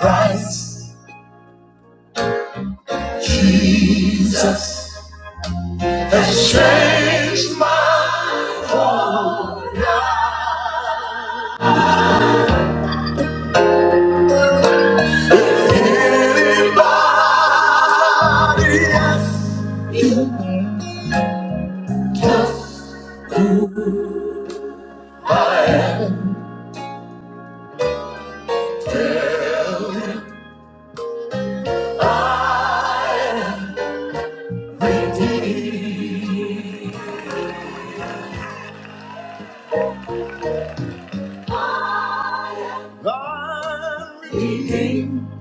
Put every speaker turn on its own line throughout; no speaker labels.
Righteousness has changed my life. Anybody I'm redeemed,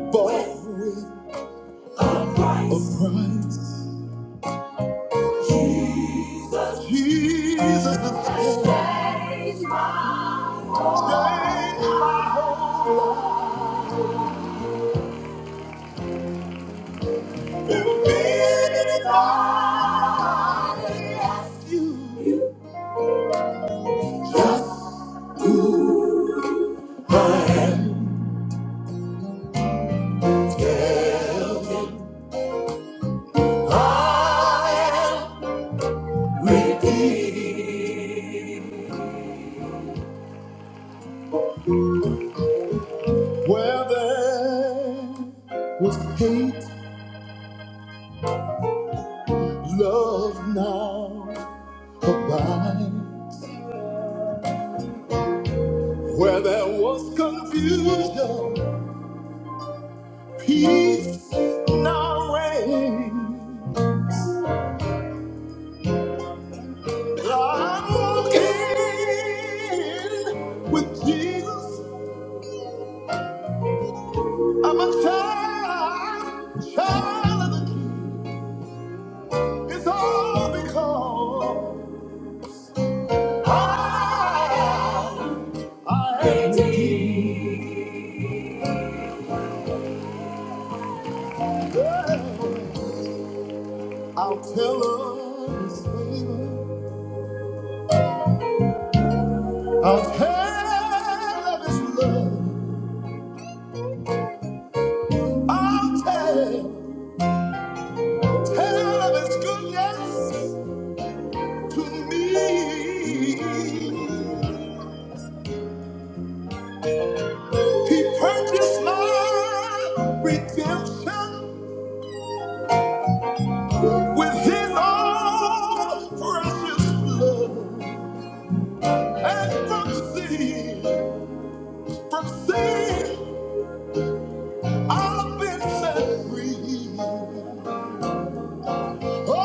bought with a price. Jesus has changed my whole life. Yes, you just I am redeemed. Where there was hate, love now abides. Where there was confusion, peace now reigns. I'm walking with Jesus. I'm a child, child of the King. It's all because I, I am redeemed. I'll tell of his favor. I'll tell of his love. I'll tell, tell of his goodness to me. He purchased my redemption with his own precious blood. And from sin, from sin, I've been set free. Oh,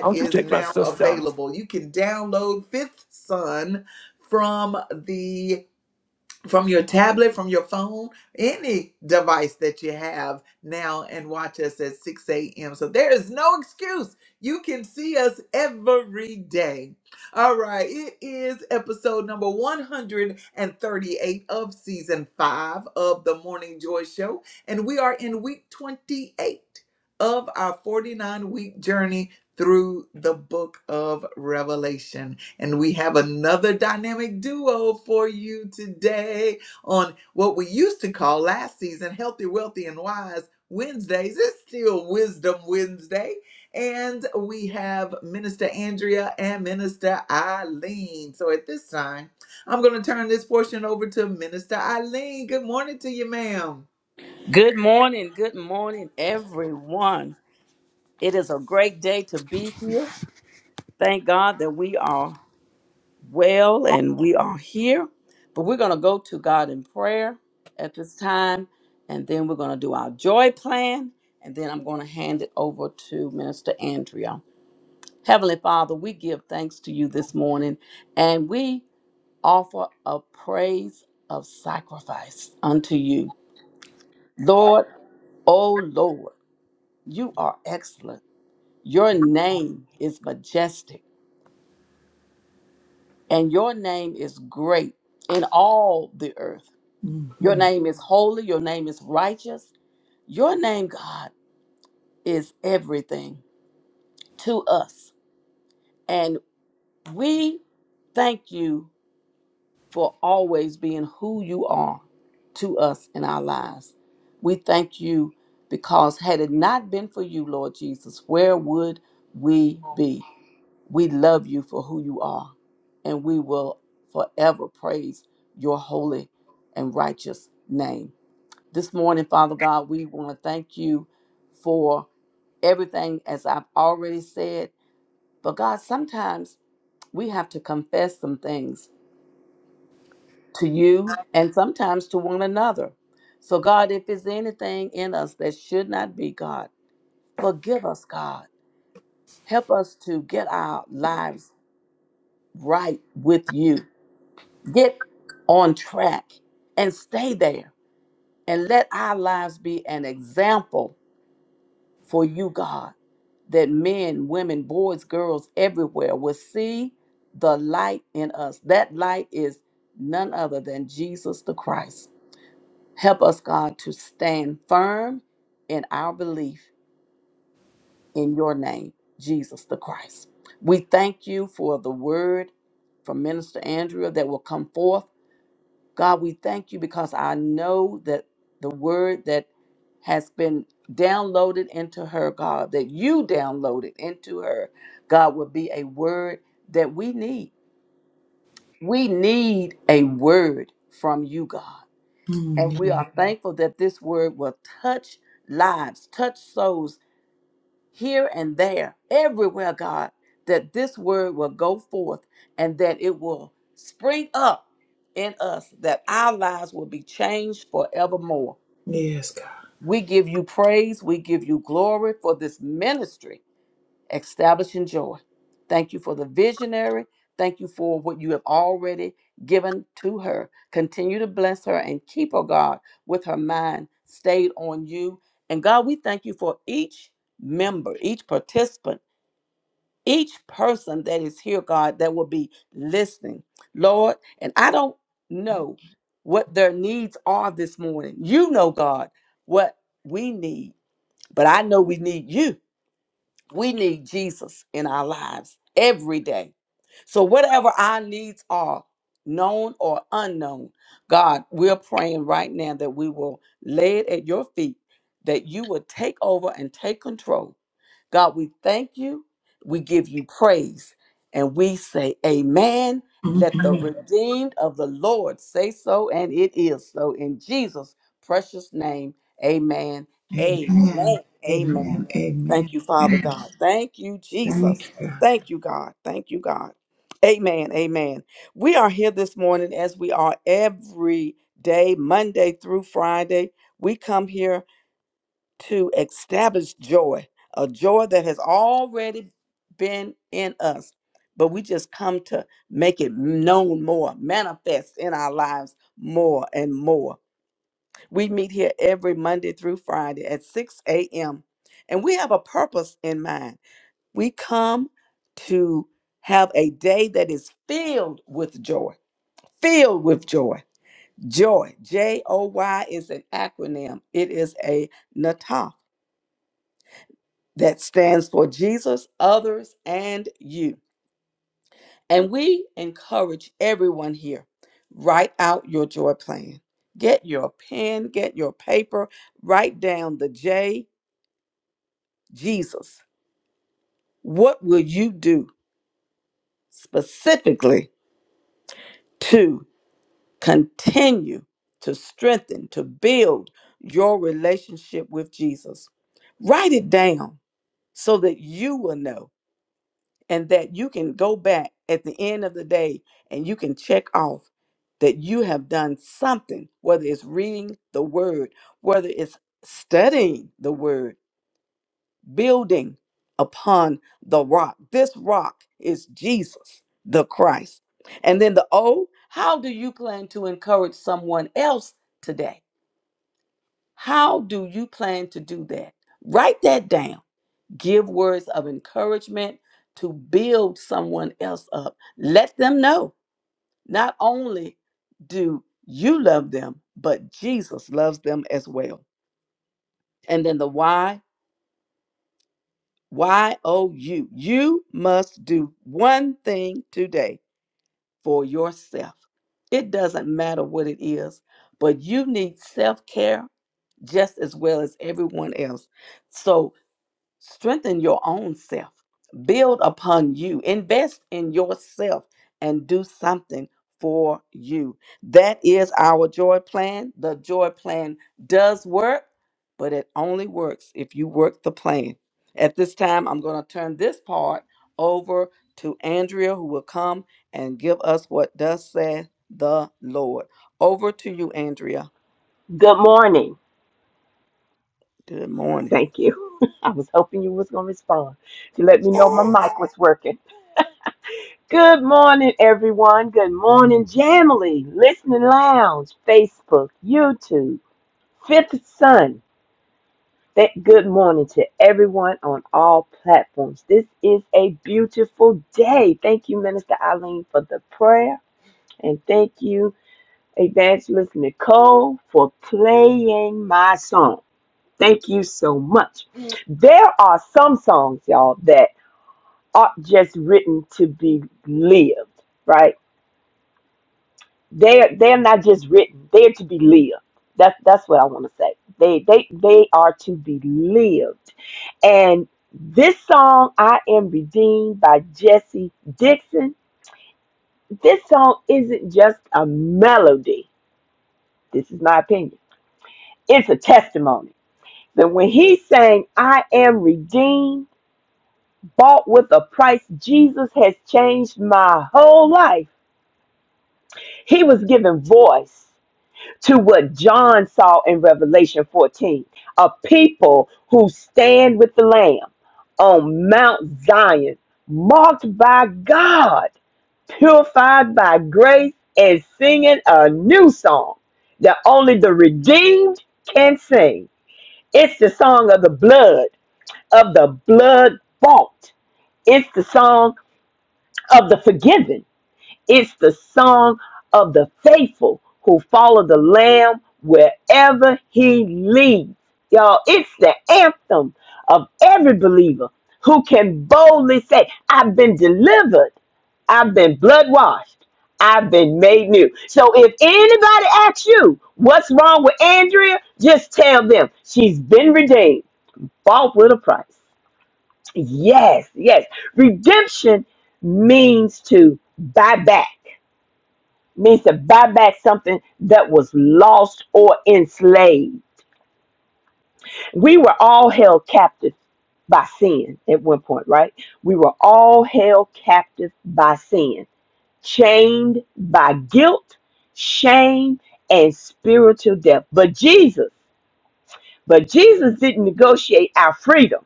Why don't you to take my sister down?
Good morning, good morning, everyone. It is a great day to be here. Thank God that we are well and we are here. But we're going to go to God in prayer at this time, and then we're going to do our joy plan, and then I'm going to hand it over to Minister Andrea. Heavenly Father, we give thanks to you this morning, and we offer a praise of sacrifice unto you. Lord, oh Lord, you are excellent. Your name is majestic, and your name is great in all the earth. Your name is holy, your name is righteous. Your name, God, is everything to us. And we thank you for always being who you are to us in our lives. We thank you because had it not been for you, Lord Jesus, where would we be? We love you for who you are, and we will forever praise your holy and righteous name. This morning, Father God, we want to thank you for everything, as I've already said. But God, sometimes we have to confess some things to you and sometimes to one another. So, God, if there's anything in us that should not be, God, forgive us, God. Help us to get our lives right with you. Get on track and stay there and let our lives be an example for you, God, that men, women, boys, girls everywhere will see the light in us. That light is none other than Jesus the Christ. Help us, God, to stand firm in our belief in your name, Jesus the Christ. We thank you for the word from Minister Andrea that will come forth. God, we thank you because I know that the word that has been downloaded into her, God, that you downloaded into her, God, will be a word that we need. We need a word from you, God. And we are thankful that this word will touch lives, touch souls here and there, everywhere, God, that this word will go forth and that it will spring up in us, that our lives will be changed forevermore. We give you praise, we give you glory for this ministry establishing joy. Thank you for the visionary. Thank you for what you have already given to her. Continue to bless her and keep her, God, with her mind stayed on you. And God, we thank you for each member, each participant, each person that is here, God, that will be listening, Lord. And I don't know what their needs are this morning. You know, God, what we need, but I know we need you. We need Jesus in our lives every day. So, whatever our needs are, known or unknown, God, we're praying right now that we will lay it at your feet, that you will take over and take control. God, we thank you. We give you praise. And we say, Amen. Let the Amen. redeemed of the Lord say so, and it is so. In Jesus' precious name, Amen. Amen. Amen. Thank you, Father God. Thank you, Jesus. Thank you, God. Thank you, God. Amen. Amen. We are here this morning as we are every day, Monday through Friday. We come here to establish joy, a joy that has already been in us, but we just come to make it known more, manifest in our lives more and more. We meet here every Monday through Friday at 6 a.m., and we have a purpose in mind. We come to have a day that is filled with joy, filled with joy. Joy, J O Y is an acronym, it is a NATAF that stands for Jesus, others, and you. And we encourage everyone here write out your joy plan. Get your pen, get your paper, write down the J, Jesus. What will you do specifically? to? Continue to strengthen, to build your relationship with Jesus. Write it down so that you will know and that you can go back at the end of the day and you can check off that you have done something, whether it's reading the word, whether it's studying the word building upon the rock. This rock is Jesus the Christ. And then the O, how do you plan to encourage someone else today? How do you plan to do that? Write that down. Give words of encouragement to build someone else up. Let them know not only do you love them, but Jesus loves them as well. And then the why. Y O U. You must do one thing today for yourself. It doesn't matter what it is, but you need self care just as well as everyone else. So Strengthen your own self. Build upon you. Invest in yourself and do something for you. That is our joy plan. The joy plan does work, but it only works if you work the plan. At this time, I'm going to turn this part over to Andrea, who will come and give us what does say the Lord. Over to you, Andrea.
Good morning.
Good morning.
Thank you. I was hoping you was going to respond to let me know my mic was working. Good morning, everyone. Good morning, Jamily, Listening Lounge, Facebook, YouTube, Fifth Sun. That good morning to everyone on all platforms. This is a beautiful day. Thank you, Minister Eileen, for the prayer, and thank you, Evangelist Nicole, for playing my song. Thank you so much. There are some songs, y'all, that aren't just written to be lived, right? They're they're not just written; they're to be lived. That's that's what I want to say. They they they are to be lived. And this song, "I Am Redeemed" by Jesse Dixon. This song isn't just a melody. This is my opinion. It's a testimony. That when he sang, "I am redeemed." bought with a price. Jesus has changed my whole life. He was giving voice to what John saw in Revelation 14 a people who stand with the Lamb on Mount Zion, marked by God, purified by grace, and singing a new song that only the redeemed can sing. It's the song of the blood, of the blood bought. It's the song of the forgiven. It's the song of the faithful who follow the Lamb wherever he leads. Y'all, it's the anthem of every believer who can boldly say, I've been delivered, I've been blood washed, I've been made new. So if anybody asks you what's wrong with Andrea, just tell them she's been redeemed, bought with a price. Yes, yes. Redemption means to buy back means to buy back something that was lost or enslaved. We were all held captive by sin at one point, right? We were all held captive by sin, chained by guilt, shame, and spiritual death. But Jesus, but Jesus didn't negotiate our freedom.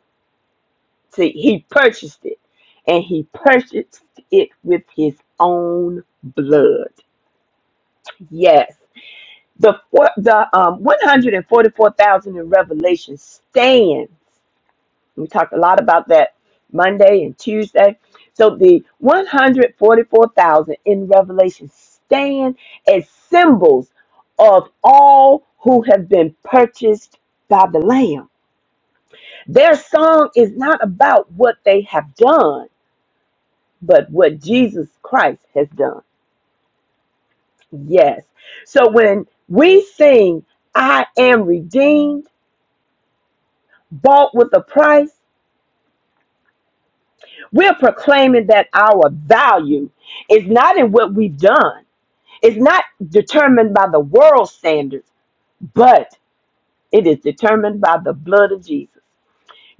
See, he purchased it, and he purchased it with his own blood. Yes. The four, the um, 144,000 in Revelation stand. We talked a lot about that Monday and Tuesday. So the 144,000 in Revelation stand as symbols of all who have been purchased by the Lamb. Their song is not about what they have done, but what Jesus Christ has done. Yes. So when we sing, I am redeemed bought with a price, we're proclaiming that our value is not in what we've done. It's not determined by the world standards, but it is determined by the blood of Jesus.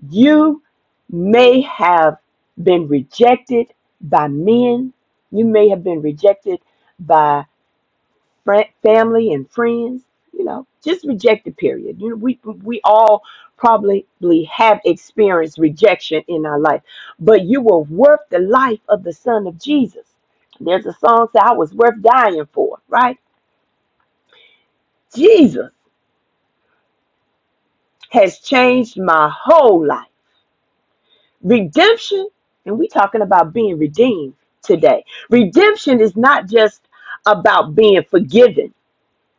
You may have been rejected by men. You may have been rejected by. fr- family and friends. You know, just reject the period. You know, we we all probably have experienced rejection in our life, but you were worth the life of the Son of Jesus. There's a song that I was worth dying for, right? Jesus has changed my whole life. Redemption, and we talking about being redeemed today. Redemption is not just about being forgiven.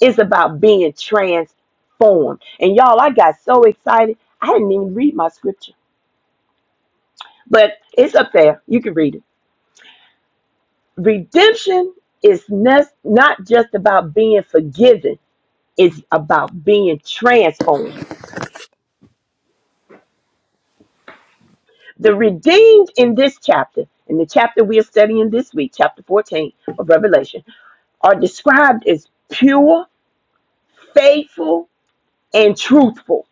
It's about being transformed. And y'all, I got so excited. I didn't even read my scripture, but it's up there. You can read it. Redemption is nes- not just about being forgiven, it's about being transformed. The redeemed in this chapter, in the chapter we are studying this week, chapter 14 of Revelation, are described as pure, faithful, and truthful.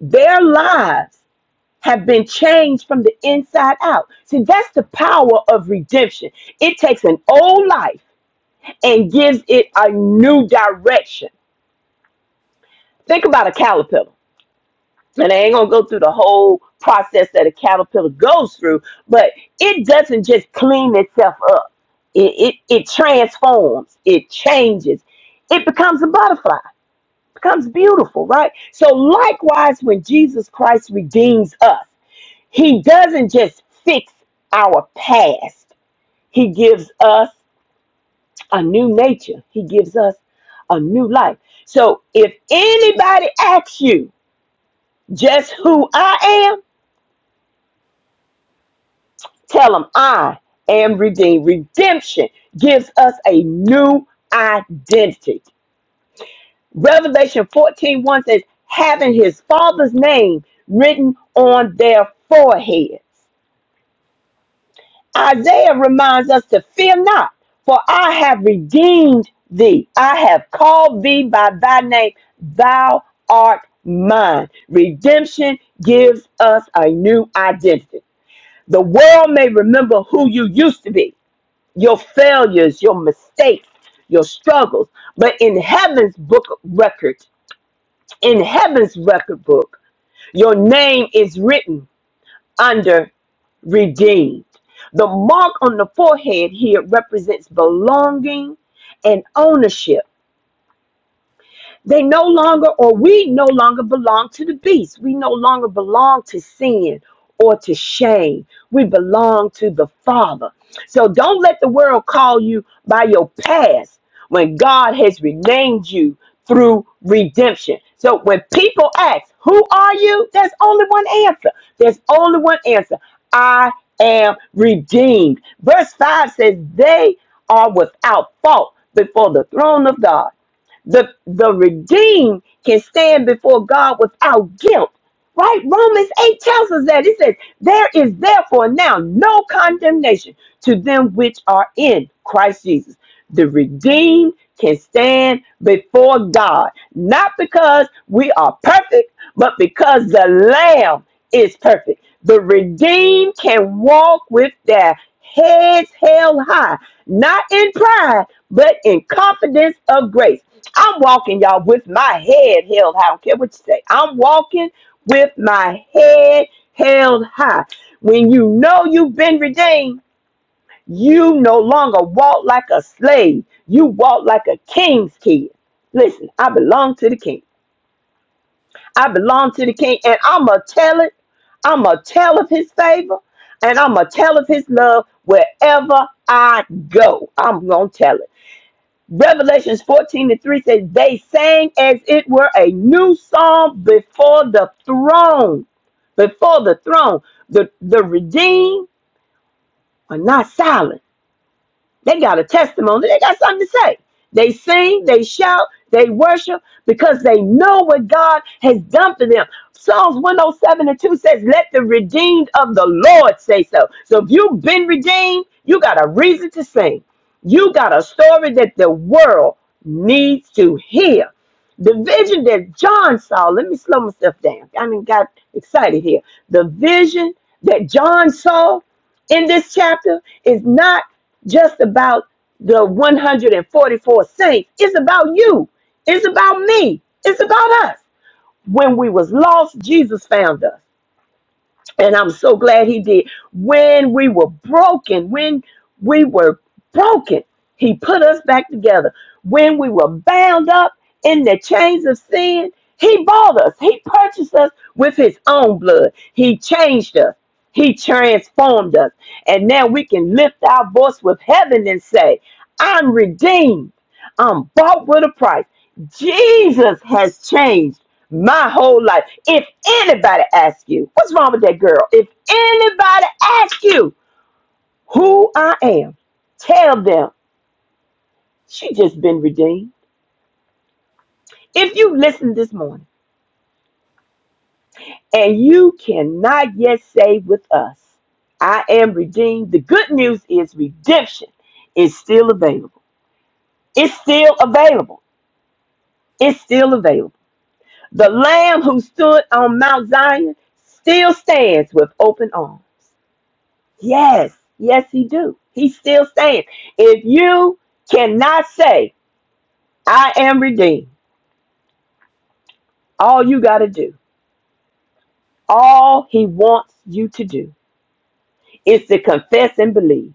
Their lives have been changed from the inside out. See, that's the power of redemption. It takes an old life and gives it a new direction. Think about a caterpillar. And I ain't gonna go through the whole process that a caterpillar goes through, but it doesn't just clean itself up. It it, it transforms, it changes, it becomes a butterfly, becomes beautiful, right? So likewise, when Jesus Christ redeems us. He doesn't just fix our past, He gives us a new nature, He gives us a new life. So if anybody asks you just who I am, tell them I am redeemed. Redemption gives us a new identity. Revelation fourteen one says, having his father's name written on their foreheads. Isaiah reminds us to fear not, for I have redeemed thee. I have called thee by thy name. Thou art mine. Redemption gives us a new identity. The world may remember who you used to be, your failures, your mistakes, your struggles, but in heaven's book record, in heaven's record book, your name is written under redeemed. The mark on the forehead here represents belonging and ownership. They no longer, or we no longer belong to the beast. We no longer belong to sin or to shame. We belong to the Father. So don't let the world call you by your past when God has renamed you through redemption. So when people ask, Who are you? There's only one answer. There's only one answer. I am redeemed. Verse 5 says, They are without fault before the throne of God. The the redeemed can stand before God without guilt. Right? Romans 8 tells us that. It says, There is therefore now no condemnation to them which are in Christ Jesus. The redeemed can stand before God, not because we are perfect, but because the Lamb is perfect. The redeemed can walk with their heads held high, not in pride, but in confidence of grace I'm walking, y'all, with my head held high. I don't care what you say. I'm walking with my head held high. When you know you've been redeemed, you no longer walk like a slave. You walk like a king's kid. Listen, I belong to the king. I belong to the king, and I'ma tell it. I'ma tell of his favor, and I'ma tell of his love wherever I go. I'm gonna tell it. Revelations 14 and 3 says, They sang as it were a new song before the throne. Before the throne. The, the redeemed are not silent. They got a testimony. They got something to say. They sing, they shout, they worship because they know what God has done for them. Psalms 107 and 2 says, Let the redeemed of the Lord say so. So if you've been redeemed, you got a reason to sing. You got a story that the world needs to hear. The vision that John saw, let me slow myself down. I mean, got excited here. The vision that John saw in this chapter is not just about the 144 saints. It's about you. It's about me. It's about us. When we was lost, Jesus found us. And I'm so glad he did. When we were broken, when we were broken, he put us back together. When we were bound up in the chains of sin, he bought us. He purchased us with his own blood. He changed us. He transformed us. And now we can lift our voice with heaven and say, I'm redeemed. I'm bought with a price. Jesus has changed my whole life. If anybody asks you, what's wrong with that girl? If anybody asks you who I am, tell them she just been redeemed. If you listen this morning and you cannot yet say with us, I am redeemed, the good news is redemption is still available. It's still available. It's still available. The Lamb who stood on Mount Zion still stands with open arms. Yes, yes, he do. He still stands. If you cannot say, I am redeemed, all you got to do, all he wants you to do is to confess and believe,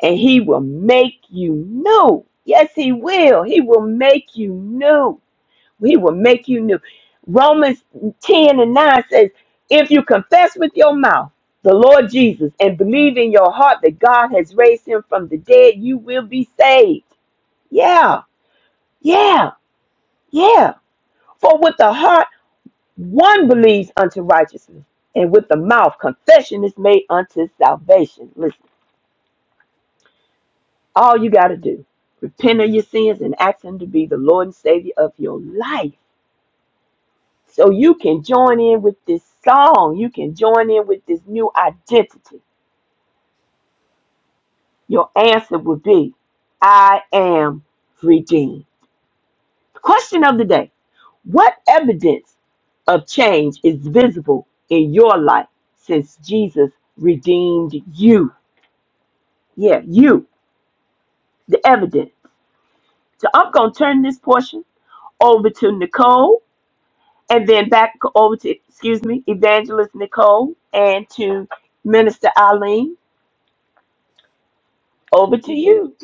and he will make you new. Yes, he will. He will make you new. He will make you new. Romans 10 and 9 says, If you confess with your mouth the Lord Jesus and believe in your heart that God has raised him from the dead, you will be saved. Yeah, yeah, yeah. For with the heart one believes unto righteousness, and with the mouth confession is made unto salvation. Listen, all you got to do, repent of your sins and ask him to be the Lord and Savior of your life So you can join in with this song. You can join in with this new identity. Your answer would be, I am redeemed. Question of the day What evidence of change is visible in your life since Jesus redeemed you? Yeah, you, the evidence. So I'm going to turn this portion over to Nicole and then back over to, excuse me, Evangelist Nicole and to Minister Eileen. Over to you.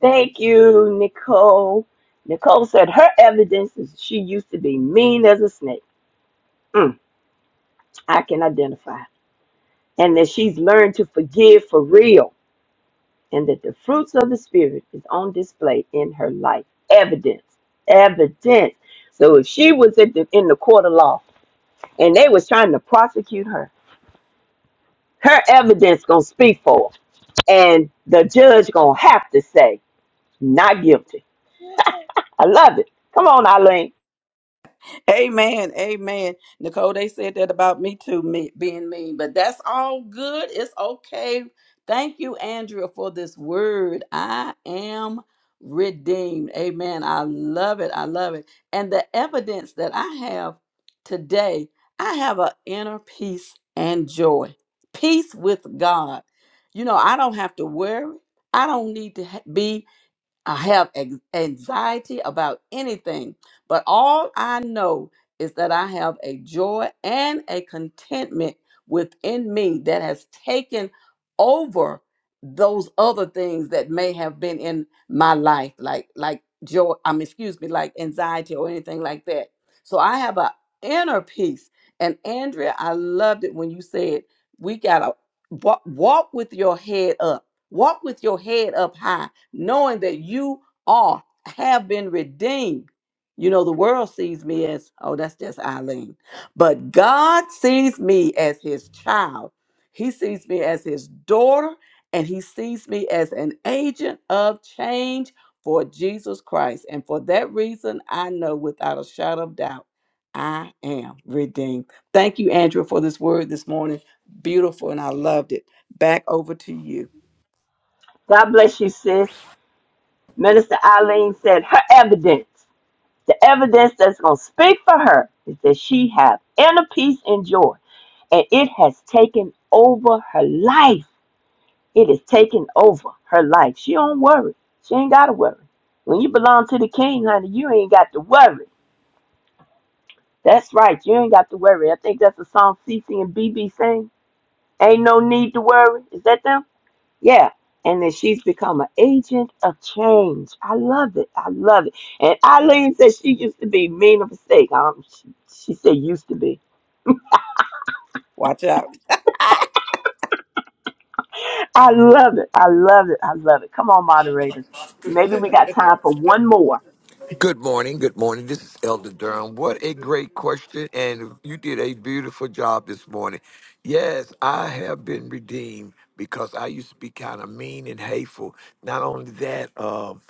Thank you, Nicole. Nicole said her evidence is she used to be mean as a snake. Mm, I can identify. And that she's learned to forgive for real. And that the fruits of the Spirit is on display in her life. Evidence. Evidence. So if she was at the, in the court of law and they was trying to prosecute her, her evidence going to speak for her. And the judge going to have to say, not guilty. I love it. Come on, Eileen.
Amen. Amen. Nicole, they said that about me too, me being mean, but that's all good. It's okay. Thank you, Andrea, for this word. I am redeemed. Amen. I love it. I love it. And the evidence that I have today, I have an inner peace and joy, peace with God. You know, I don't have to worry. I don't need to ha- be I have ex- anxiety about anything, but all I know is that I have a joy and a contentment within me that has taken over those other things that may have been in my life, like like joy. I mean, excuse me, like anxiety or anything like that. So I have an inner peace. And Andrea, I loved it when you said we gotta wa- walk with your head up, walk with your head up high knowing that you are have been redeemed. You know, the world sees me as, oh, that's just Eileen. But God sees me as his child. He sees me as his daughter, and he sees me as an agent of change for Jesus Christ. And for that reason, I know without a shadow of doubt, I am redeemed. Thank you, Andrew, for this word this morning. Beautiful, and I loved it. Back over to you.
God bless you, sis. Minister Eileen said her evidence, the evidence that's going to speak for her is that she have inner peace and joy. And it has taken over her life. It has taken over her life. She don't worry. She ain't got to worry. When you belong to the king, honey, you ain't got to worry. That's right. You ain't got to worry. I think that's a song C. C. and B. B. sing. Ain't no need to worry. Is that them? Yeah. And that she's become an agent of change. I love it. I love it. And Eileen said she used to be mean of a mistake. Um, she, she said used to be.
Watch out.
I love it. I love it. I love it. Come on, moderators. Maybe we got time for one more.
Good morning. Good morning. This is Elder Durham. What a great question. And you did a beautiful job this morning. Yes, I have been redeemed because I used to be kind of mean and hateful. Not only that, um,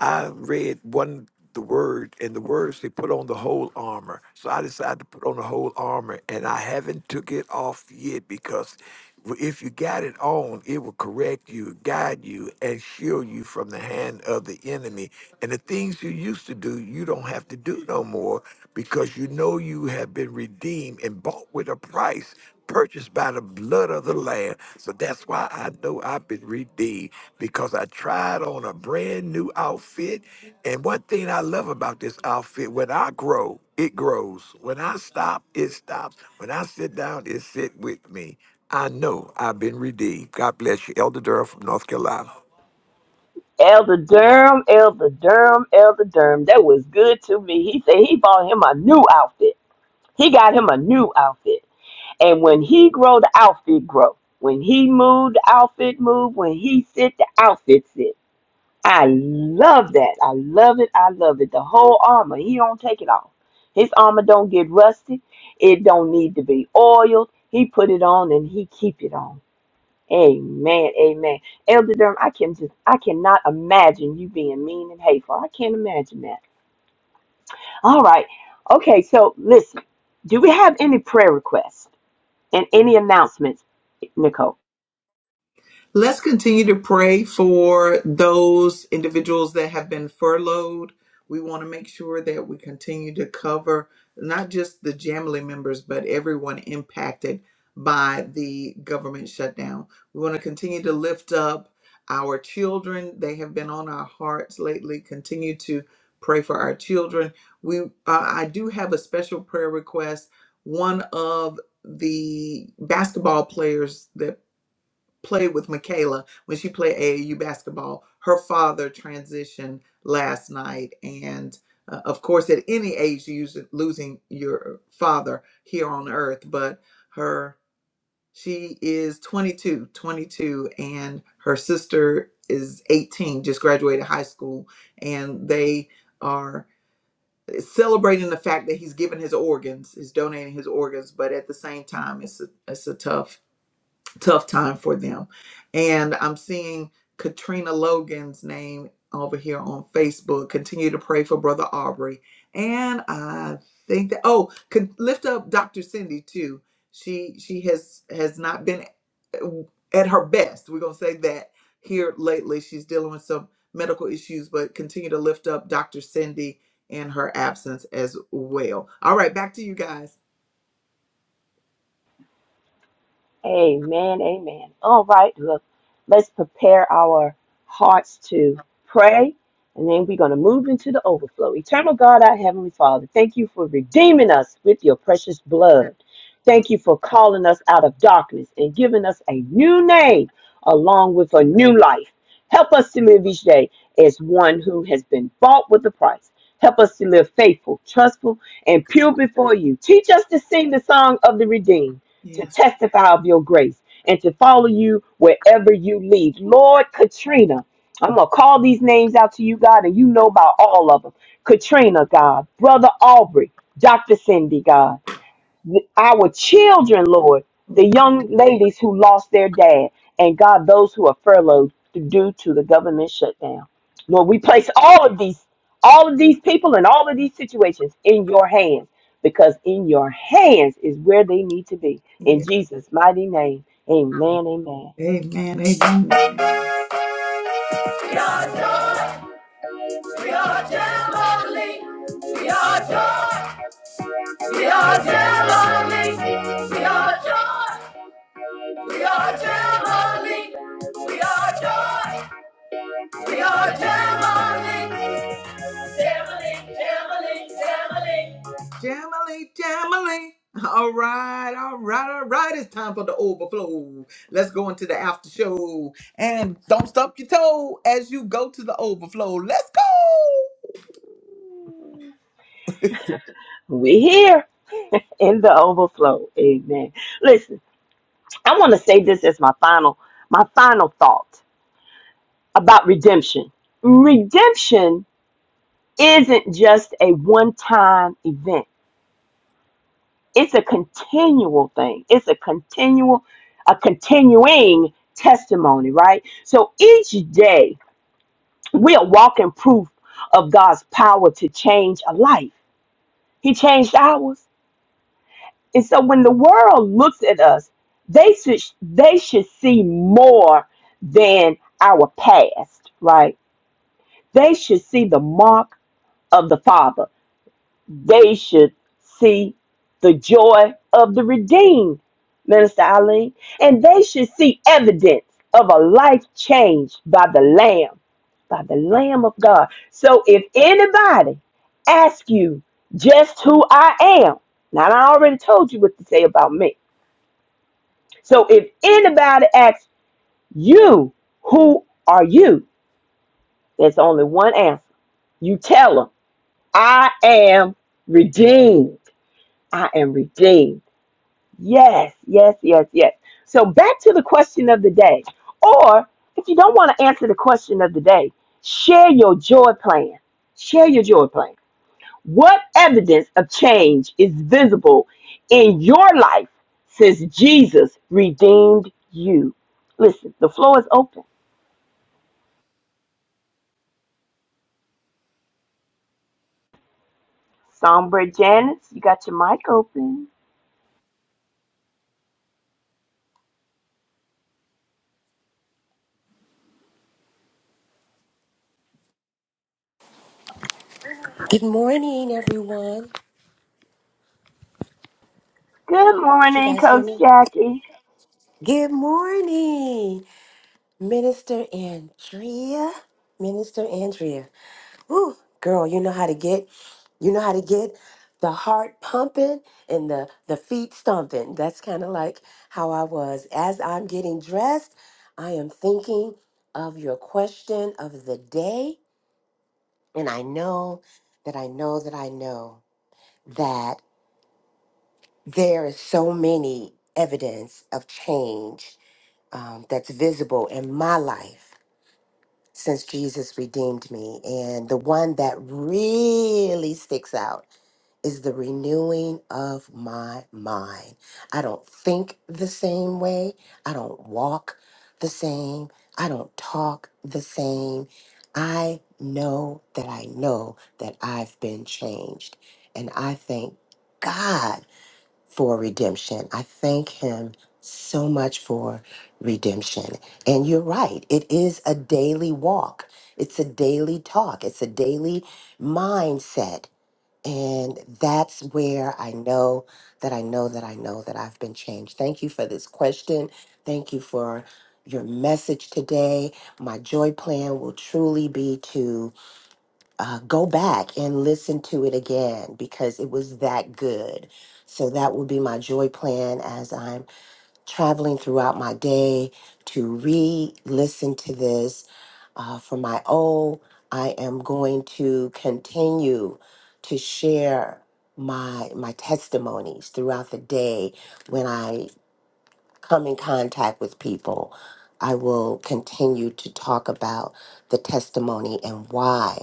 I read one the word and the words they put on the whole armor. So I decided to put on the whole armor and I haven't took it off yet because Well, If you got it on, it will correct you, guide you, and shield you from the hand of the enemy. And the things you used to do, you don't have to do no more because you know you have been redeemed and bought with a price, purchased by the blood of the Lamb. So that's why I know I've been redeemed because I tried on a brand new outfit. And one thing I love about this outfit, when I grow, it grows. When I stop, it stops. When I sit down, it sit with me. I know I've been redeemed. God bless you. Elder Durham from North Carolina.
Elder Durham, Elder Durham, Elder Durham. That was good to me. He said he bought him a new outfit. He got him a new outfit. And when he grow, the outfit grow. When he move, the outfit move. When he sit, the outfit sit. I love that. I love it. I love it. The whole armor. He don't take it off. His armor don't get rusty. It don't need to be oiled. He put it on and he keep it on. Amen. Amen. Elder Durham, I can just I cannot imagine you being mean and hateful. I can't imagine that. All right. Okay, so listen. Do we have any prayer requests and any announcements, Nicole? Amen. Amen. All right. Look, let's prepare our hearts to pray. And then we're going to move into the overflow. Eternal God, our Heavenly Father, thank you for redeeming us with your precious blood. Thank you for calling us out of darkness and giving us a new name along with a new life. Help us to live each day as one who has been bought with a price. Help us to live faithful, trustful, and pure before you. Teach us to sing the song of the redeemed to testify of your grace and to follow you wherever you lead. Lord Katrina, I'm going to call these names out to you, God, and you know about all of them. Katrina, God, Brother Aubrey, Dr. Cindy, God th- our children, Lord, the young ladies who lost their dad, and God, those who are furloughed due to the government shutdown. Lord, we place all of these, all of these people and all of these situations in your hands because in your hands is where they need to be. In Jesus' mighty name, amen, amen. We're here in the overflow, amen. Listen, I want to say this as my final, my final thought about redemption. Redemption isn't just a one time event. It's a continual thing. It's a continual, a continuing testimony, right? So each day we are walking proof of God's power to change a life. He changed ours. And so when the world looks at us, they should they should see more than our past, right? They should see the mark of the Father they should see the joy of the redeemed, Minister Eileen, and they should see evidence of a life changed by the Lamb, by the Lamb of God. So if anybody asks you just who I am, now I already told you what to say about me. So if anybody asks you, who are you? There's only one answer. You tell them, I am redeemed. I am redeemed. Yes, yes, yes, yes. So back to the question of the day. Or if you don't want to answer the question of the day, share your joy plan. Share your joy plan. What evidence of change is visible in your life since Jesus redeemed you? Listen, the floor is open. Sombra Janice, you got your mic open.
Hi.
Good morning, everyone.
Good
Could you
morning,
guys hear
Coach
me?
Jackie.
Good morning, Minister Andrea. Minister Andrea. Ooh, girl, you know how to get, you know how to get the heart pumping and the, the feet stomping. That's kind of like how I was. As I'm getting dressed, I am thinking of your question of the day. And I know that I know that I know that. there is so many evidence of change um, that's visible in my life since Jesus redeemed me. And the one that really sticks out is the renewing of my mind. I don't think the same way, I don't walk the same, I don't talk the same. I know that I know that I've been changed. And I thank God for redemption. I thank him so much for redemption. And you're right, it is a daily walk, it's a daily talk, it's a daily mindset. And that's where I know that I know that I know that I've been changed. Thank you for this question. Thank you for your message today. My joy plan will truly be to uh, go back and listen to it again because it was that good. So that will be my joy plan as I'm traveling throughout my day to re listen to this. Uh, for my O, I am going to continue to share my my testimonies throughout the day when I come in contact with people. I will continue to talk about the testimony and why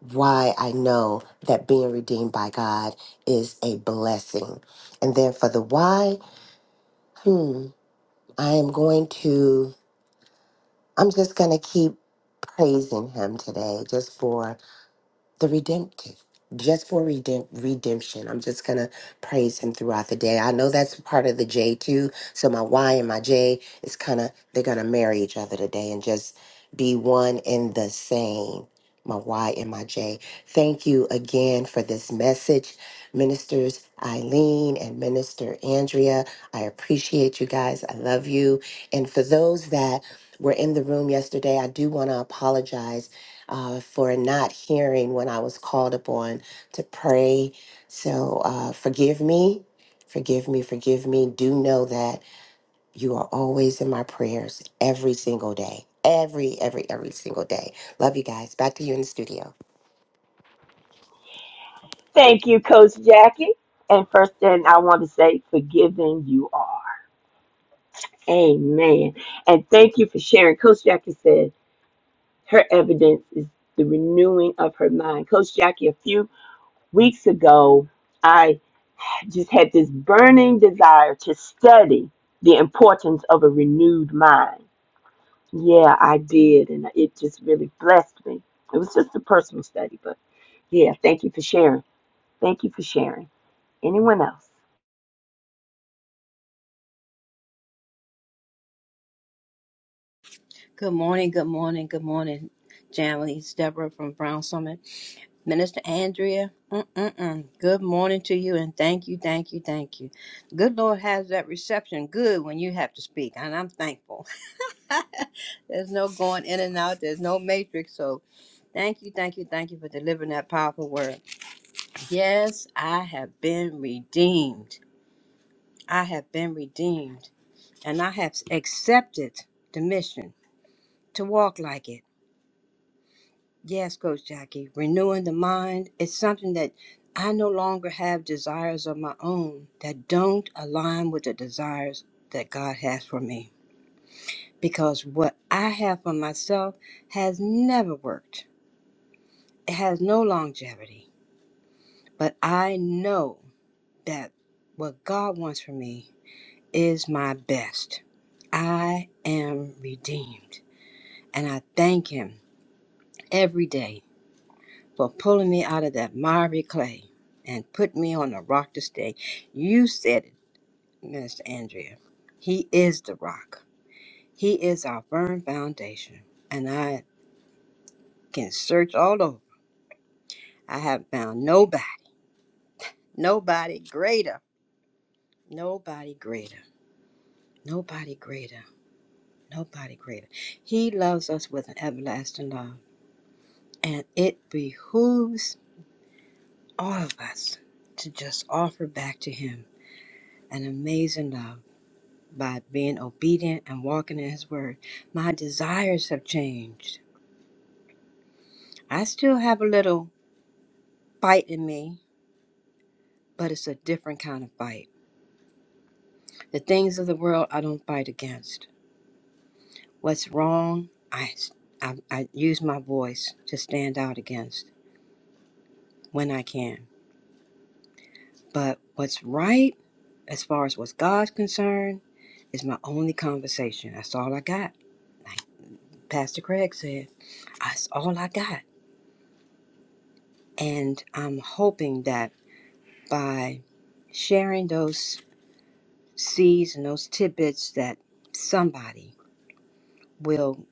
why I know that being redeemed by God is a blessing. And then for the why, hmm, I am going to, I'm just going to keep praising Him today just for the redemptive just for redemp- redemption i'm just gonna praise him throughout the day i know that's part of the j too so my y and my j is kind of they're gonna marry each other today and just be one and the same my y and my j thank you again for this message ministers eileen and minister andrea i appreciate you guys i love you and for those that were in the room yesterday i do want to apologize uh, for not hearing when I was called upon to pray. So uh, forgive me, forgive me, forgive me. Do know that you are always in my prayers every single day. Every, every, every single day. Love you guys. Back to you in the studio.
Thank you, Coach Jackie. And first thing I want to say, forgiving you are. Amen. And thank you for sharing. Coach Jackie said her evidence is the renewing of her mind. Coach Jackie, a few weeks ago, I just had this burning desire to study the importance of a renewed mind. Yeah, I did. And it just really blessed me. It was just a personal study, but yeah, thank you for sharing. Thank you for sharing. Anyone else?
Good morning, good morning, good morning, Jamily. It's Deborah from Brown Summit. Minister Andrea, mm-mm-mm. good morning to you and thank you, thank you, thank you. Good Lord has that reception good when you have to speak, and I'm thankful. There's no going in and out, there's no matrix. So thank you, thank you, thank you for delivering that powerful word. Yes, I have been redeemed. I have been redeemed, and I have accepted the mission to walk like it Yes, Coach Jackie, renewing the mind is something that I no longer have desires of my own that don't align with the desires that God has for me. Because what I have for myself has never worked, it has no longevity. But I know that what God wants for me is my best. I am redeemed, and I thank Him every day for pulling me out of that miry clay and put me on the rock to stay. You said it, Minister Andrea. He is the rock. He is our firm foundation. And I can search all over. I have found nobody, nobody greater, nobody greater, nobody greater, nobody greater. He loves us with an everlasting love. And it behooves all of us to just offer back to him an amazing love by being obedient and walking in His Word. My desires have changed. I still have a little fight in me, but it's a different kind of fight. The things of the world I don't fight against. What's wrong, I, I, I use my voice to stand out against when I can. But what's right, as far as what's God's concerned, is my only conversation. That's all I got. Like Pastor Craig said, that's all I got. And I'm hoping that by sharing those seeds and those tidbits that somebody will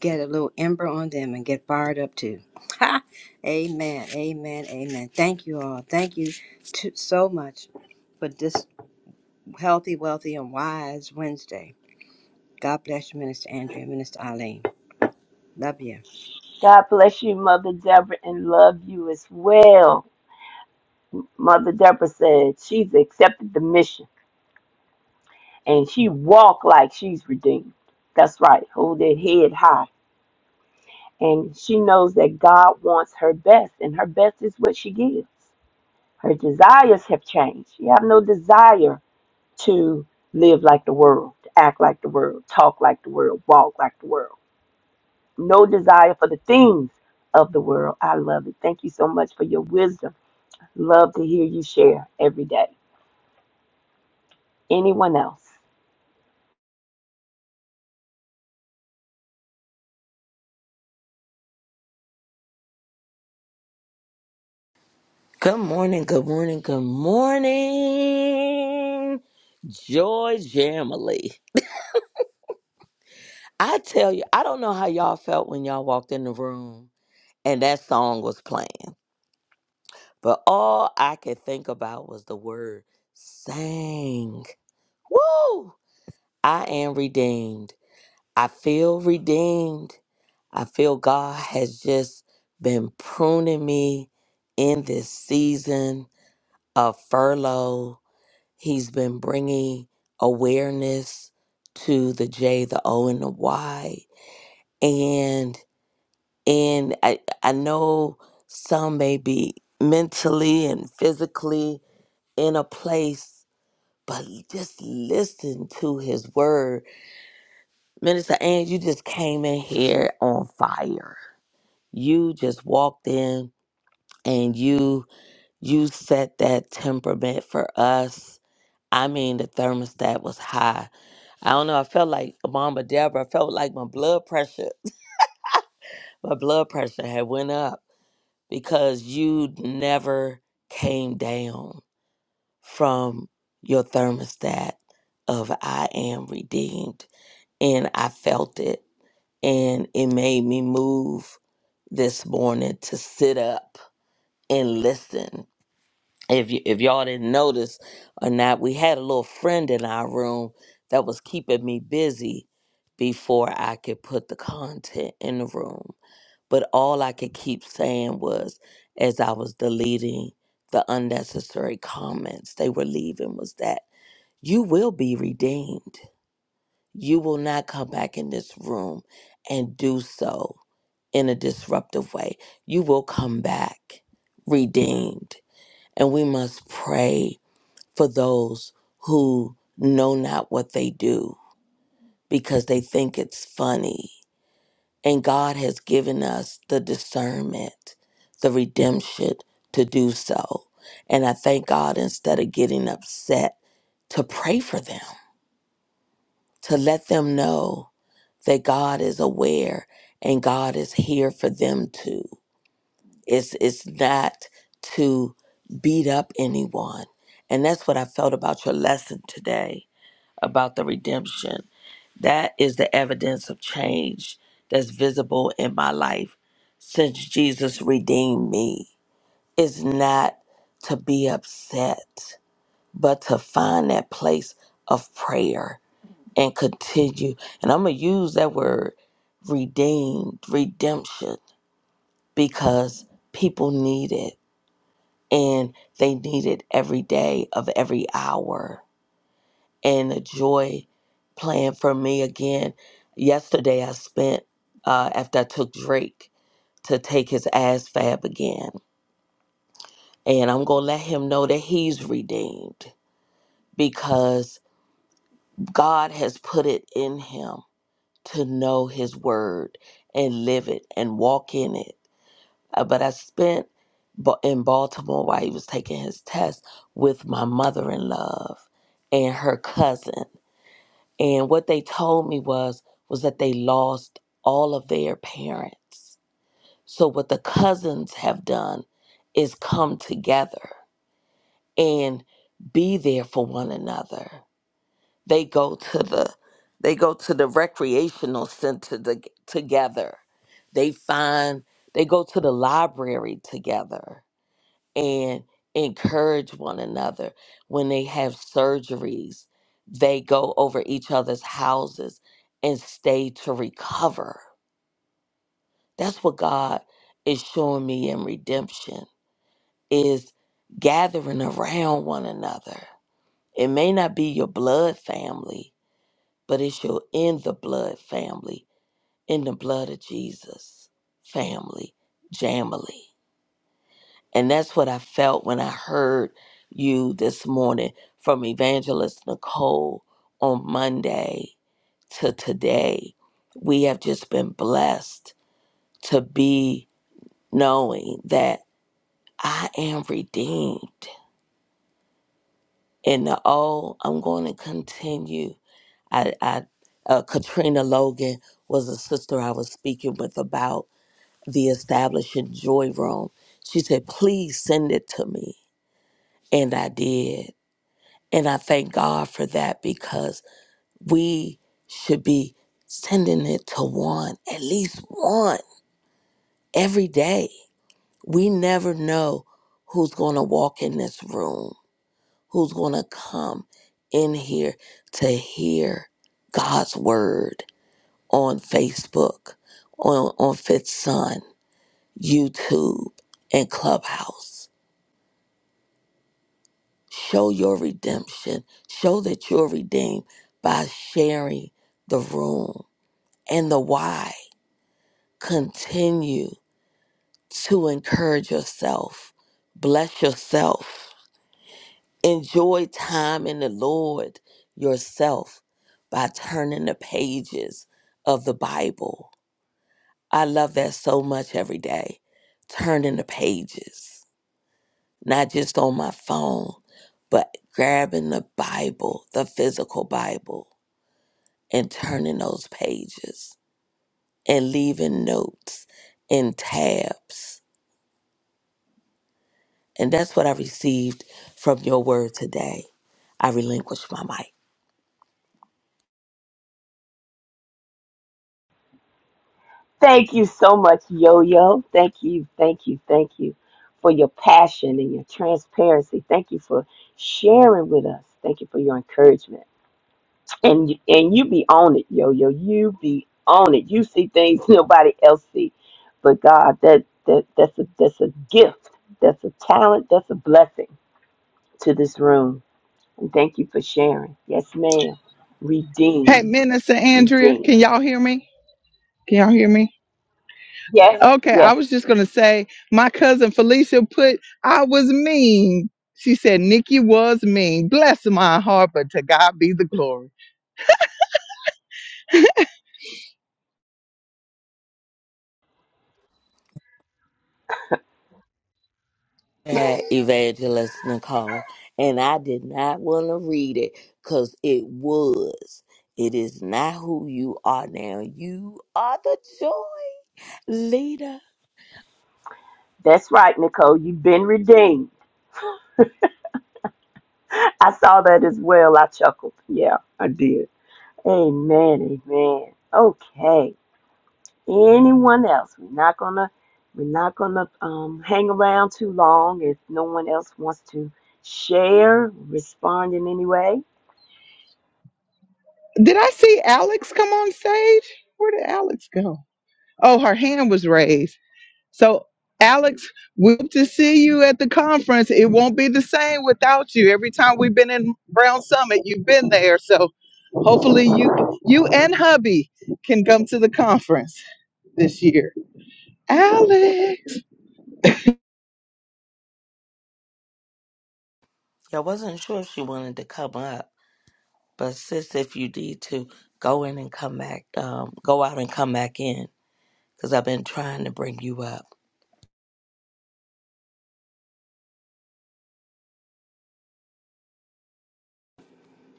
get a little ember on them and get fired up too. Ha! Amen. Amen. Amen. Thank you all. Thank you to, so much for this healthy, wealthy, and wise Wednesday. God bless you, Minister Andrea, Minister Eileen. Love you.
God bless you, Mother Deborah, and love you as well. Mother Deborah said she's accepted the mission and she walked like she's redeemed. That's right. Hold that head high. And she knows that God wants her best, and her best is what she gives. Her desires have changed. She have no desire to live like the world, to act like the world, talk like the world, walk like the world. No desire for the things of the world. I love it. Thank you so much for your wisdom. Love to hear you share every day. Anyone else?
Good morning, good morning, good morning, Joy Jamily. I tell you, I don't know how y'all felt when y'all walked in the room and that song was playing, but all I could think about was the word sang. Woo! I am redeemed. I feel redeemed. I feel God has just been pruning me in this season of furlough He's been bringing awareness to the J, the O, and the Y. And and I I know some may be mentally and physically in a place, but just listen to His word, Minister. And you just came in here on fire. You just walked in and you you set that temperament for us. I mean, the thermostat was high I don't know. I felt like Mama Deborah. I felt like my blood pressure, my blood pressure had went up because you never came down from your thermostat of I am redeemed, and I felt it, and it made me move this morning to sit up and listen if y- if y'all didn't notice or not, we had a little friend in our room that was keeping me busy before I could put the content in the room. But all I could keep saying was, as I was deleting the unnecessary comments they were leaving, was that you will be redeemed. You will not come back in this room and do so in a disruptive way. You will come back redeemed. And we must pray for those who know not what they do because they think it's funny. And God has given us the discernment, the redemption to do so. And I thank God instead of getting upset, to pray for them, to let them know that God is aware and God is here for them too. It's, it's not to beat up anyone. And that's what I felt about your lesson today about the redemption. That is the evidence of change that's visible in my life since Jesus redeemed me. Is not to be upset, but to find that place of prayer and continue. And I'm going to use that word redeemed, redemption, because people need it and they need it every day of every hour. and the joy playing for me again. Yesterday, I spent uh, after I took Drake to take his ass fab again, and I'm gonna let him know that he's redeemed because God has put it in him to know His word and live it and walk in it. Uh, but I spent Ba- in Baltimore while he was taking his test with my mother in love and her cousin. and what they told me was was that they lost all of their parents so what the cousins have done is come together and be there for one another they go to the they go to the recreational center to, together they find they go to the library together and encourage one another when they have surgeries they go over each other's houses and stay to recover that's what god is showing me in redemption is gathering around one another it may not be your blood family but it's your in the blood family in the blood of jesus family jamily And that's what I felt when I heard you this morning from Evangelist Nicole on Monday to today. We have just been blessed to be knowing that I am redeemed. And the oh, I'm going to continue. I, I uh, Katrina Logan was a sister I was speaking with about the establishing Joy Room. She said, please send it to me. And I did. And I thank God for that because we should be sending it to one, at least one, every day. We never know who's going to walk in this room, who's going to come in here to hear God's word on Facebook, on, on Fifth Son, YouTube, and Clubhouse. Show your redemption. Show that you're redeemed by sharing the room and the why. Continue to encourage yourself, bless yourself, enjoy time in the Lord yourself by turning the pages of the Bible. I love that so much every day. Turning the pages, not just on my phone, but grabbing the Bible, the physical Bible, and turning those pages and leaving notes and tabs And that's what I received from your word today. I relinquish my mic.
Thank you so much, Yo Yo. Thank you, thank you, thank you for your passion and your transparency. Thank you for sharing with us. Thank you for your encouragement. And you- and you be on it, Yo Yo. You be on it. You see things nobody else see. But God, that that that's a that's a gift. That's a talent. That's a blessing to this room. And thank you for sharing. Yes, ma'am.
Hey,
Redeemed,
Minister Andrea,
redeemed. Yes, yes.
At Evangelist Nicole, and I did not want to read it because it was. It is not who you are now. You are the joy leader.
That's right, Nicole. You've been redeemed. I saw that as well. I chuckled. Yeah, I did. Amen. Amen. Okay. Anyone else? We're not gonna we're not gonna um, hang around too long if no one else wants to share, respond in any way.
did I see Alex come on stage? Where did Alex go? Oh, her hand was raised. So, Alex, we hope to see you at the conference. It won't be the same without you. Every time we've been in Brown Summit, you've been there. So, hopefully, you you and hubby can come to the conference this year. Alex,
I wasn't sure if she wanted to come up, but sis, if you need to, go in and come back, um, go out and come back in because I've been trying to bring you up.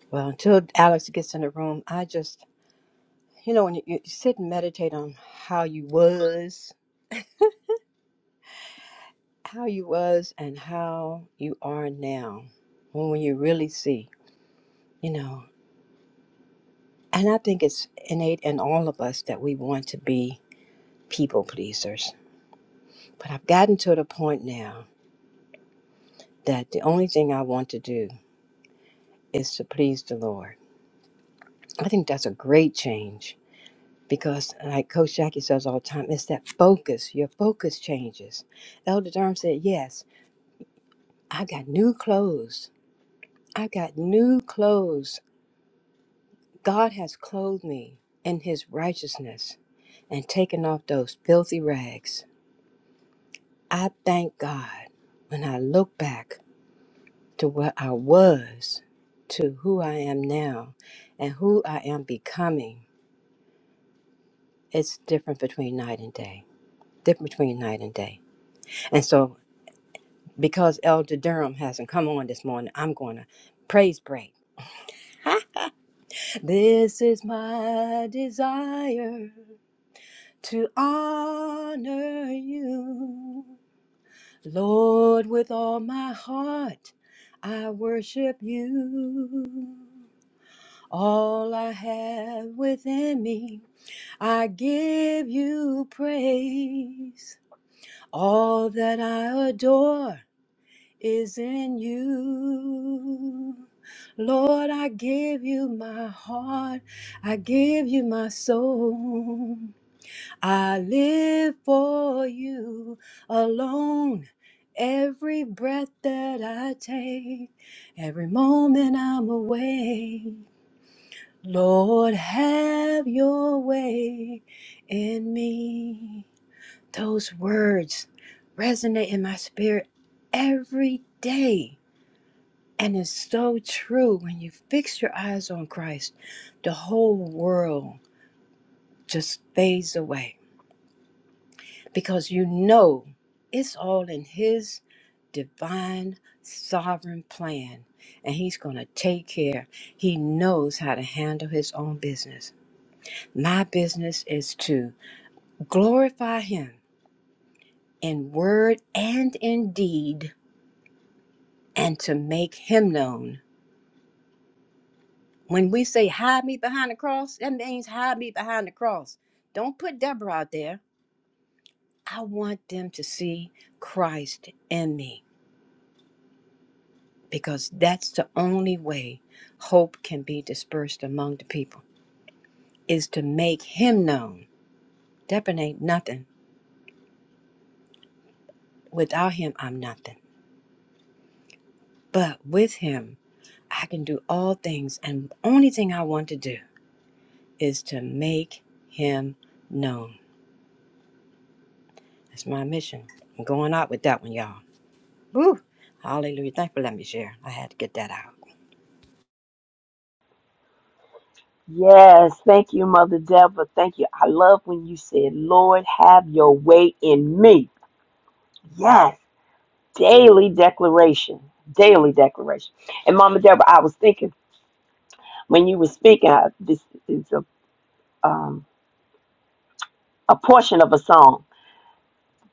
Well, until Alex gets in the room, I just, you know, when you, you sit and meditate on how you was how you was and how you are now when you really see you know and i think it's innate in all of us that we want to be people pleasers but i've gotten to the point now that the only thing i want to do is to please the lord i think that's a great change because like coach jackie says all the time it's that focus your focus changes elder durham said yes i got new clothes i got new clothes God has clothed me in his righteousness and taken off those filthy rags. I thank God when I look back to what I was, to who I am now, and who I am becoming. It's different between night and day. Different between night and day. And so, because Elder Durham hasn't come on this morning, I'm going to praise break. This is my desire to honor you. Lord, with all my heart, I worship you. All I have within me, I give you praise. All that I adore is in you. Lord, I give you my heart, I give you my soul. I live for you alone. Every breath that I take, every moment I'm awake. Lord, have your way in me. Those words resonate in my spirit every day. And it's so true. When you fix your eyes on Christ, the whole world just fades away because you know it's all in His divine, sovereign plan, and He's going to take care. He knows how to handle His own business. My business is to glorify Him in word and in deed, and to make Him known. When we say hide me behind the cross, that means hide me behind the cross. Don't put Deborah out there. I want them to see Christ in me. because that's the only way hope can be dispersed among the people is to make him known. Deppin ain't nothing. Without him, I'm nothing. But with him, I can do all things. And the only thing I want to do is to make him known. That's my mission. I'm going out with that one, y'all. Woo! Hallelujah. Thanks for letting me share. I had to get that out.
Yes, thank you, Mother Deborah. Thank you. I love when you said, Lord, have your way in me. Yes, daily declaration. Daily declaration. And Mama Deborah, I was thinking when you were speaking, I, this is a um, a portion of a song,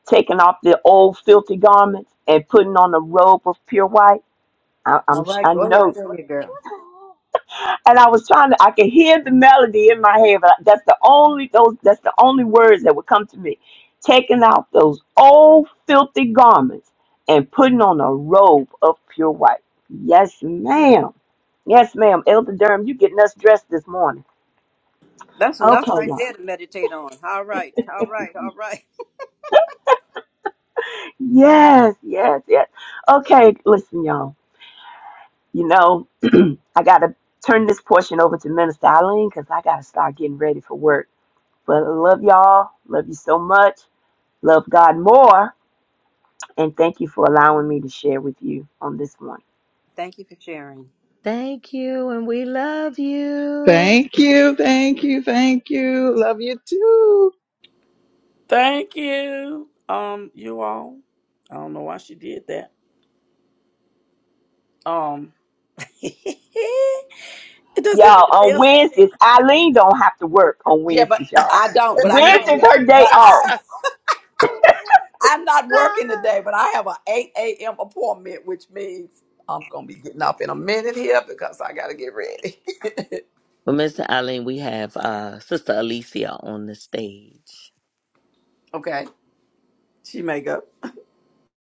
taking off the old filthy garments and putting on a robe of pure white. I, I'm
All right,
I
go ahead,
know,
tell your girl.
and I was trying to. I could hear the melody in my head, but that's the only those. That's the only words that would come to me. Taking off those old filthy garments and putting on a robe of pure white. Yes, ma'am. Yes, ma'am. Elder Durham, you getting us dressed this morning.
That's
Okay,
enough right there
y'all.
to meditate on. All right, all right, all right.
Yes, yes, yes. Okay, listen, y'all. You know, I got to turn this portion over to Minister Eileen because I got to start getting ready for work. But I love y'all. Love you so much. Love God more. And thank you for allowing me to share with you on this one.
Thank you for sharing.
Thank you, and we love you.
thank you, thank you, thank you. Love you too.
Thank you. Um, you all. I don't know why she did that. Um does anybody
Y'all, on
else
Wednesdays, Eileen don't have to work on
Yeah, but
Wednesdays, y'all.
I don't. But I need to.
Wednesday's
leave.
her day
But
off.
I I'm not working today. But I have a 8 a.m. appointment, which means I'm gonna be getting off in a minute here because I gotta get ready.
Well, Mr. Eileen, we have uh, Sister Alicia on the stage.
Okay. She may go.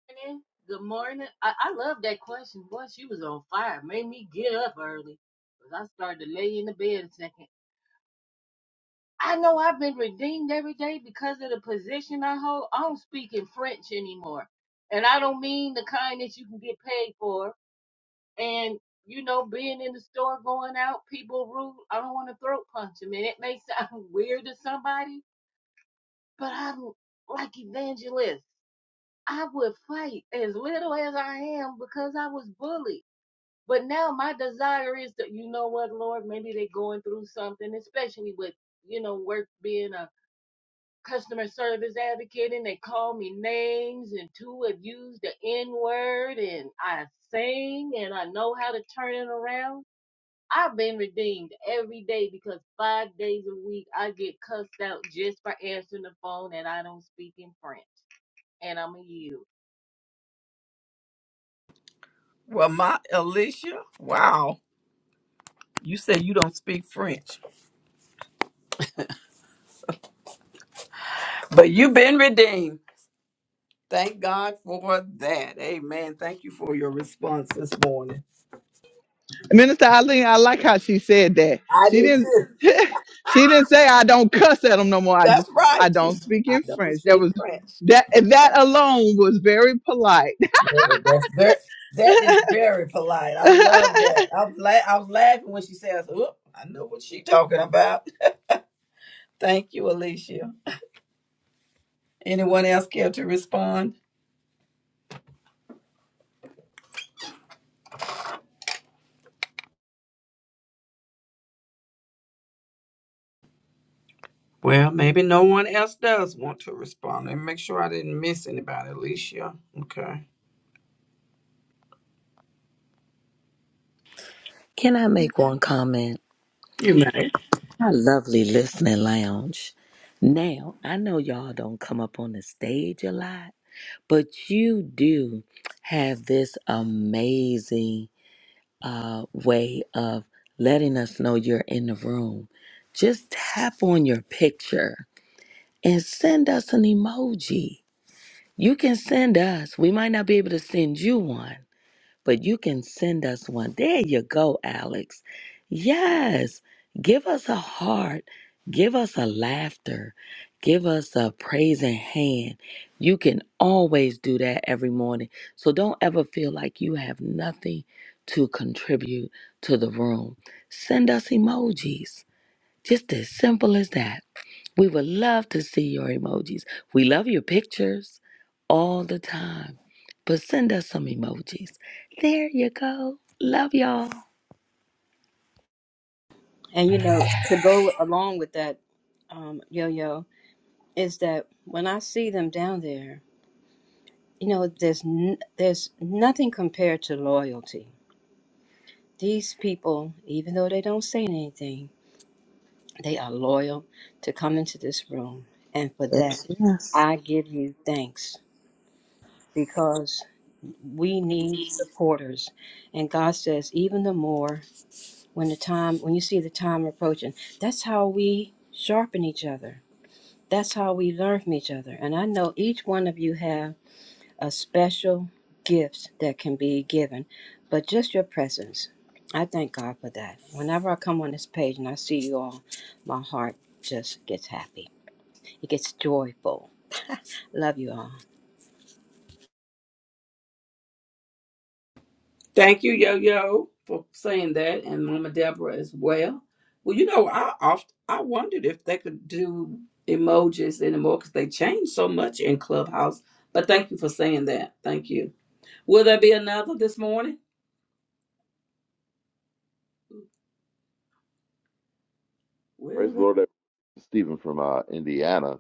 morning. Good morning. I, I love that question. Boy, she was on fire. Made me get up early. Because I started to lay in the bed a second. I know I've been redeemed every day because of the position I hold. I don't speak in French anymore. And I don't mean the kind that you can get paid for. And, you know, being in the store, going out, people rude. I don't want to throat punch them. And it may sound weird to somebody, but I'm like evangelist. I would fight as little as I am because I was bullied. But now my desire is that you know what, Lord, maybe they're going through something, especially with you know work being a customer service advocate, and they call me names, and two have used the N word, and I sing, and I know how to turn it around. I've been redeemed every day because five days a week I get cussed out just for answering the phone and I don't speak in French. And I'm a yield.
Well, my Alicia, wow. You say you don't speak French, but you've been redeemed. Thank God for that. Amen. Thank you for your response this morning.
Minister Eileen, I like how she said that.
I
She
do
didn't
too.
she didn't say I don't cuss at them no more. I just
That's
I
right. She
don't
said,
speak
I
in
don't
French. That
speak
was
French.
that that alone was very polite.
That was- That's very, that is very polite. I love that. I'm la- I was laughing when she says, "Oop, I know what she talking about." Thank you, Alicia. Anyone else care to respond? Well, maybe no one else does want to respond. Let me make sure I didn't miss anybody, Alicia. Okay.
Can I make one comment?
You may.
Our lovely listening lounge. Now, I know y'all don't come up on the stage a lot, but you do have this amazing uh, way of letting us know you're in the room. Just tap on your picture and send us an emoji. You can send us, we might not be able to send you one but you can send us one. There you go, Alex. Yes, give us a heart, give us a laughter, give us a praising hand. You can always do that every morning. So don't ever feel like you have nothing to contribute to the room. Send us emojis just as simple as that. We would love to see your emojis. We love your pictures all the time, but send us some emojis. There you go. Love y'all.
And you know, to go along with that, um, yo yo, is that when I see them down there, you know, there's n- there's nothing compared to loyalty. These people, even though they don't say anything, they are loyal to come into this room, and for that,
Yes, yes.
I give you thanks because we need supporters and god says even the more when the time when you see the time approaching that's how we sharpen each other That's how we learn from each other. And I know each one of you have a special gifts that can be given, but just your presence. I thank God for that. Whenever I come on this page and I see you all, my heart just gets happy. It gets joyful. Love you all.
Thank you, Yo Yo, for saying that, and Mama Deborah as well. Well, you know, I oft I wondered if they could do emojis anymore because they changed so much in Clubhouse. But thank you for saying that. Thank you. Will there be another this morning?
Praise
Will
the
there?
Lord, everyone. Stephen from uh, Indiana,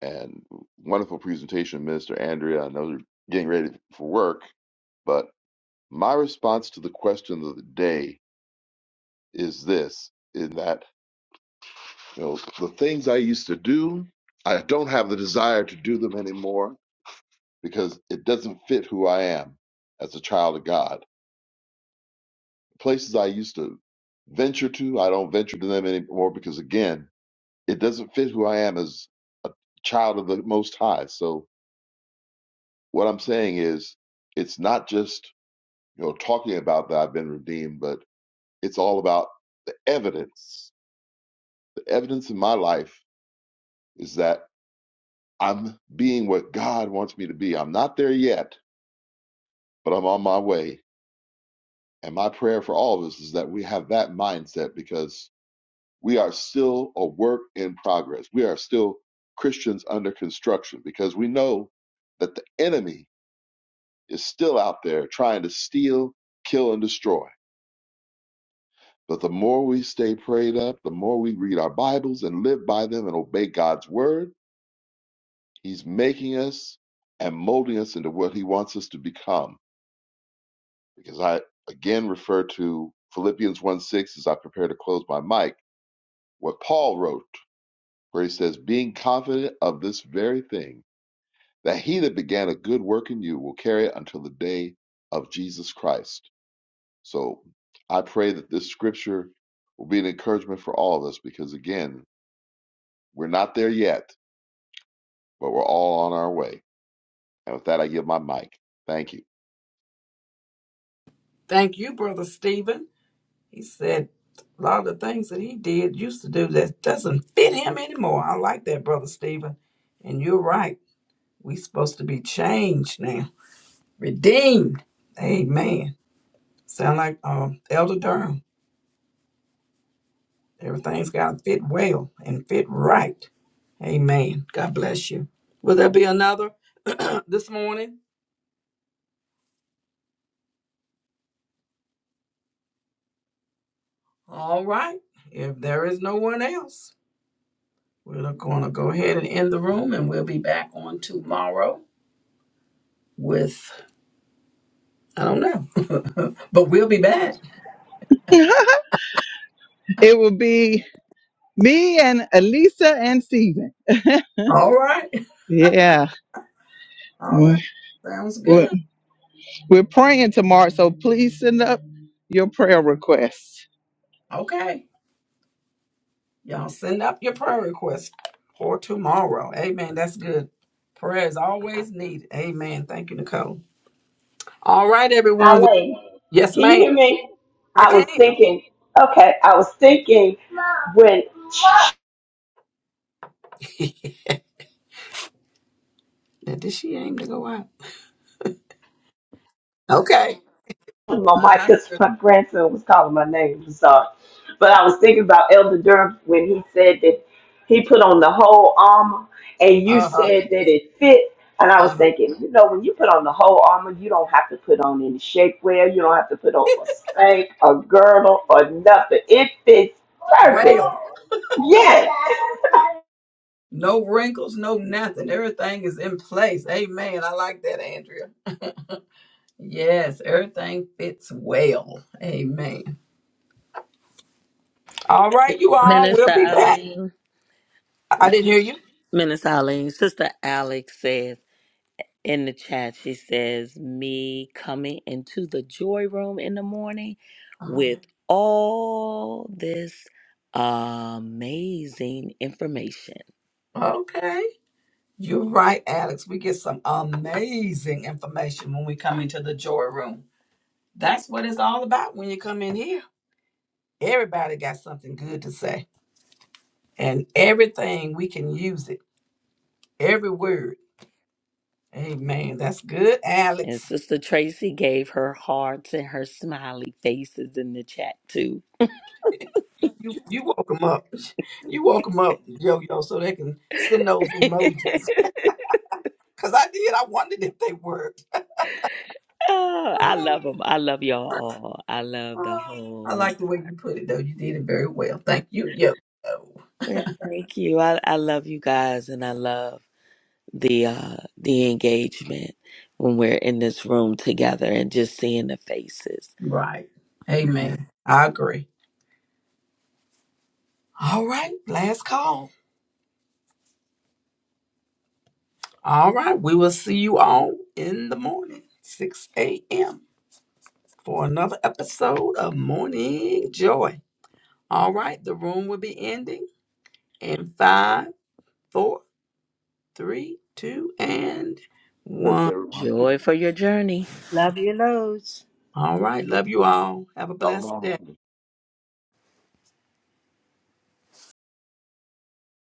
and wonderful presentation, Minister Andrea. I know you're getting ready for work, but my response to the question of the day is this: in that you know the things I used to do, I don't have the desire to do them anymore because it doesn't fit who I am as a child of God. Places I used to venture to, I don't venture to them anymore because again, it doesn't fit who I am as a child of the Most High. So What I'm saying is, it's not just you know talking about that I've been redeemed, but it's all about the evidence. The evidence in my life is that I'm being what God wants me to be. I'm not there yet, but I'm on my way. And my prayer for all of us is that we have that mindset because we are still a work in progress. We are still Christians under construction because we know that the enemy is still out there trying to steal, kill, and destroy. But the more we stay prayed up, the more we read our Bibles and live by them and obey God's word, He's making us and molding us into what He wants us to become. Because I again refer to Philippians 1 6 as I prepare to close my mic, what Paul wrote, where he says, Being confident of this very thing, that he that began a good work in you will carry it until the day of Jesus Christ. So I pray that this scripture will be an encouragement for all of us because, again, We're not there yet, but we're all on our way. And with that, I give my mic. Thank you.
Thank you, Brother Stephen. He said a lot of things that he did, used to do, that doesn't fit him anymore. I like that, Brother Stephen. And you're right. We're supposed to be changed now, redeemed. Amen. Sound like um, Elder Durham. Everything's got to fit well and fit right. Amen. God bless you. Will there be another this morning? All right. If there is no one else, we're going to go ahead and end the room and we'll be back on tomorrow with, I don't know, but we'll be back.
it would be me and Elisa and Steven.
All right.
Yeah.
All
We're,
right. Sounds
we're
good.
we're praying tomorrow, so please send up your prayer requests.
Okay. Y'all send up your prayer requests for tomorrow. Amen. That's good. Prayer is always needed. Amen. Thank you, Nicole. All right, everyone. We-
Eileen,
Yes,
can you
ma'am.
hear me?
I
I
can.
was thinking, okay, I was thinking when
Now, did she aim to go out? Okay.
on
Uh
my mic
huh.
because my grandson was calling my name. I'm sorry. But I was thinking about Elder Durham when he said that he put on the whole armor and you
Uh
said that it fit. And I was
huh.
thinking, you know, when you put on the whole armor, you don't have to put on any shapewear. You don't have to put on a spank, a girdle, or nothing. It fits perfect.
Well,
Yes.
no wrinkles, no nothing. Everything is in place. Amen. I like that, Andrea. Yes, everything fits well. Amen. All right, you all.
Minister
We'll be back.
Eileen.
I didn't hear you.
Minister Eileen. Sister Alex says in the chat, she says, me coming into the joy room in the morning
Uh-huh.
with all this amazing information.
Okay. You're right, Alex. We get some amazing information when we come into the joy room. That's what it's all about when you come in here. Everybody got something good to say, and everything we can use it. Every word. Amen. That's good,
And
Alex.
Sister Tracy gave her hearts and her smiley faces in the chat too.
You you woke them up. You woke them up, yo yo, so they can send those
oh,
emojis. Cause I did. I wondered if they worked.
I
I
love them. I love y'all all. I love the whole.
like the way you put it, though. You did it very well. Thank you, yo. yo.
And thank you. I, I love you guys, and I love the uh, the engagement when we're in this room together and just seeing the faces.
Right. Amen. I agree. All right. Last call. All right. We will see you all in the morning, 6 a.m., for another episode of Morning Joy. All right. The room will be ending in five, four, three, two, and
Bless
one.
everyone.
Joy for your journey.
Love you loads.
All right. Love you all. Have a blessed day.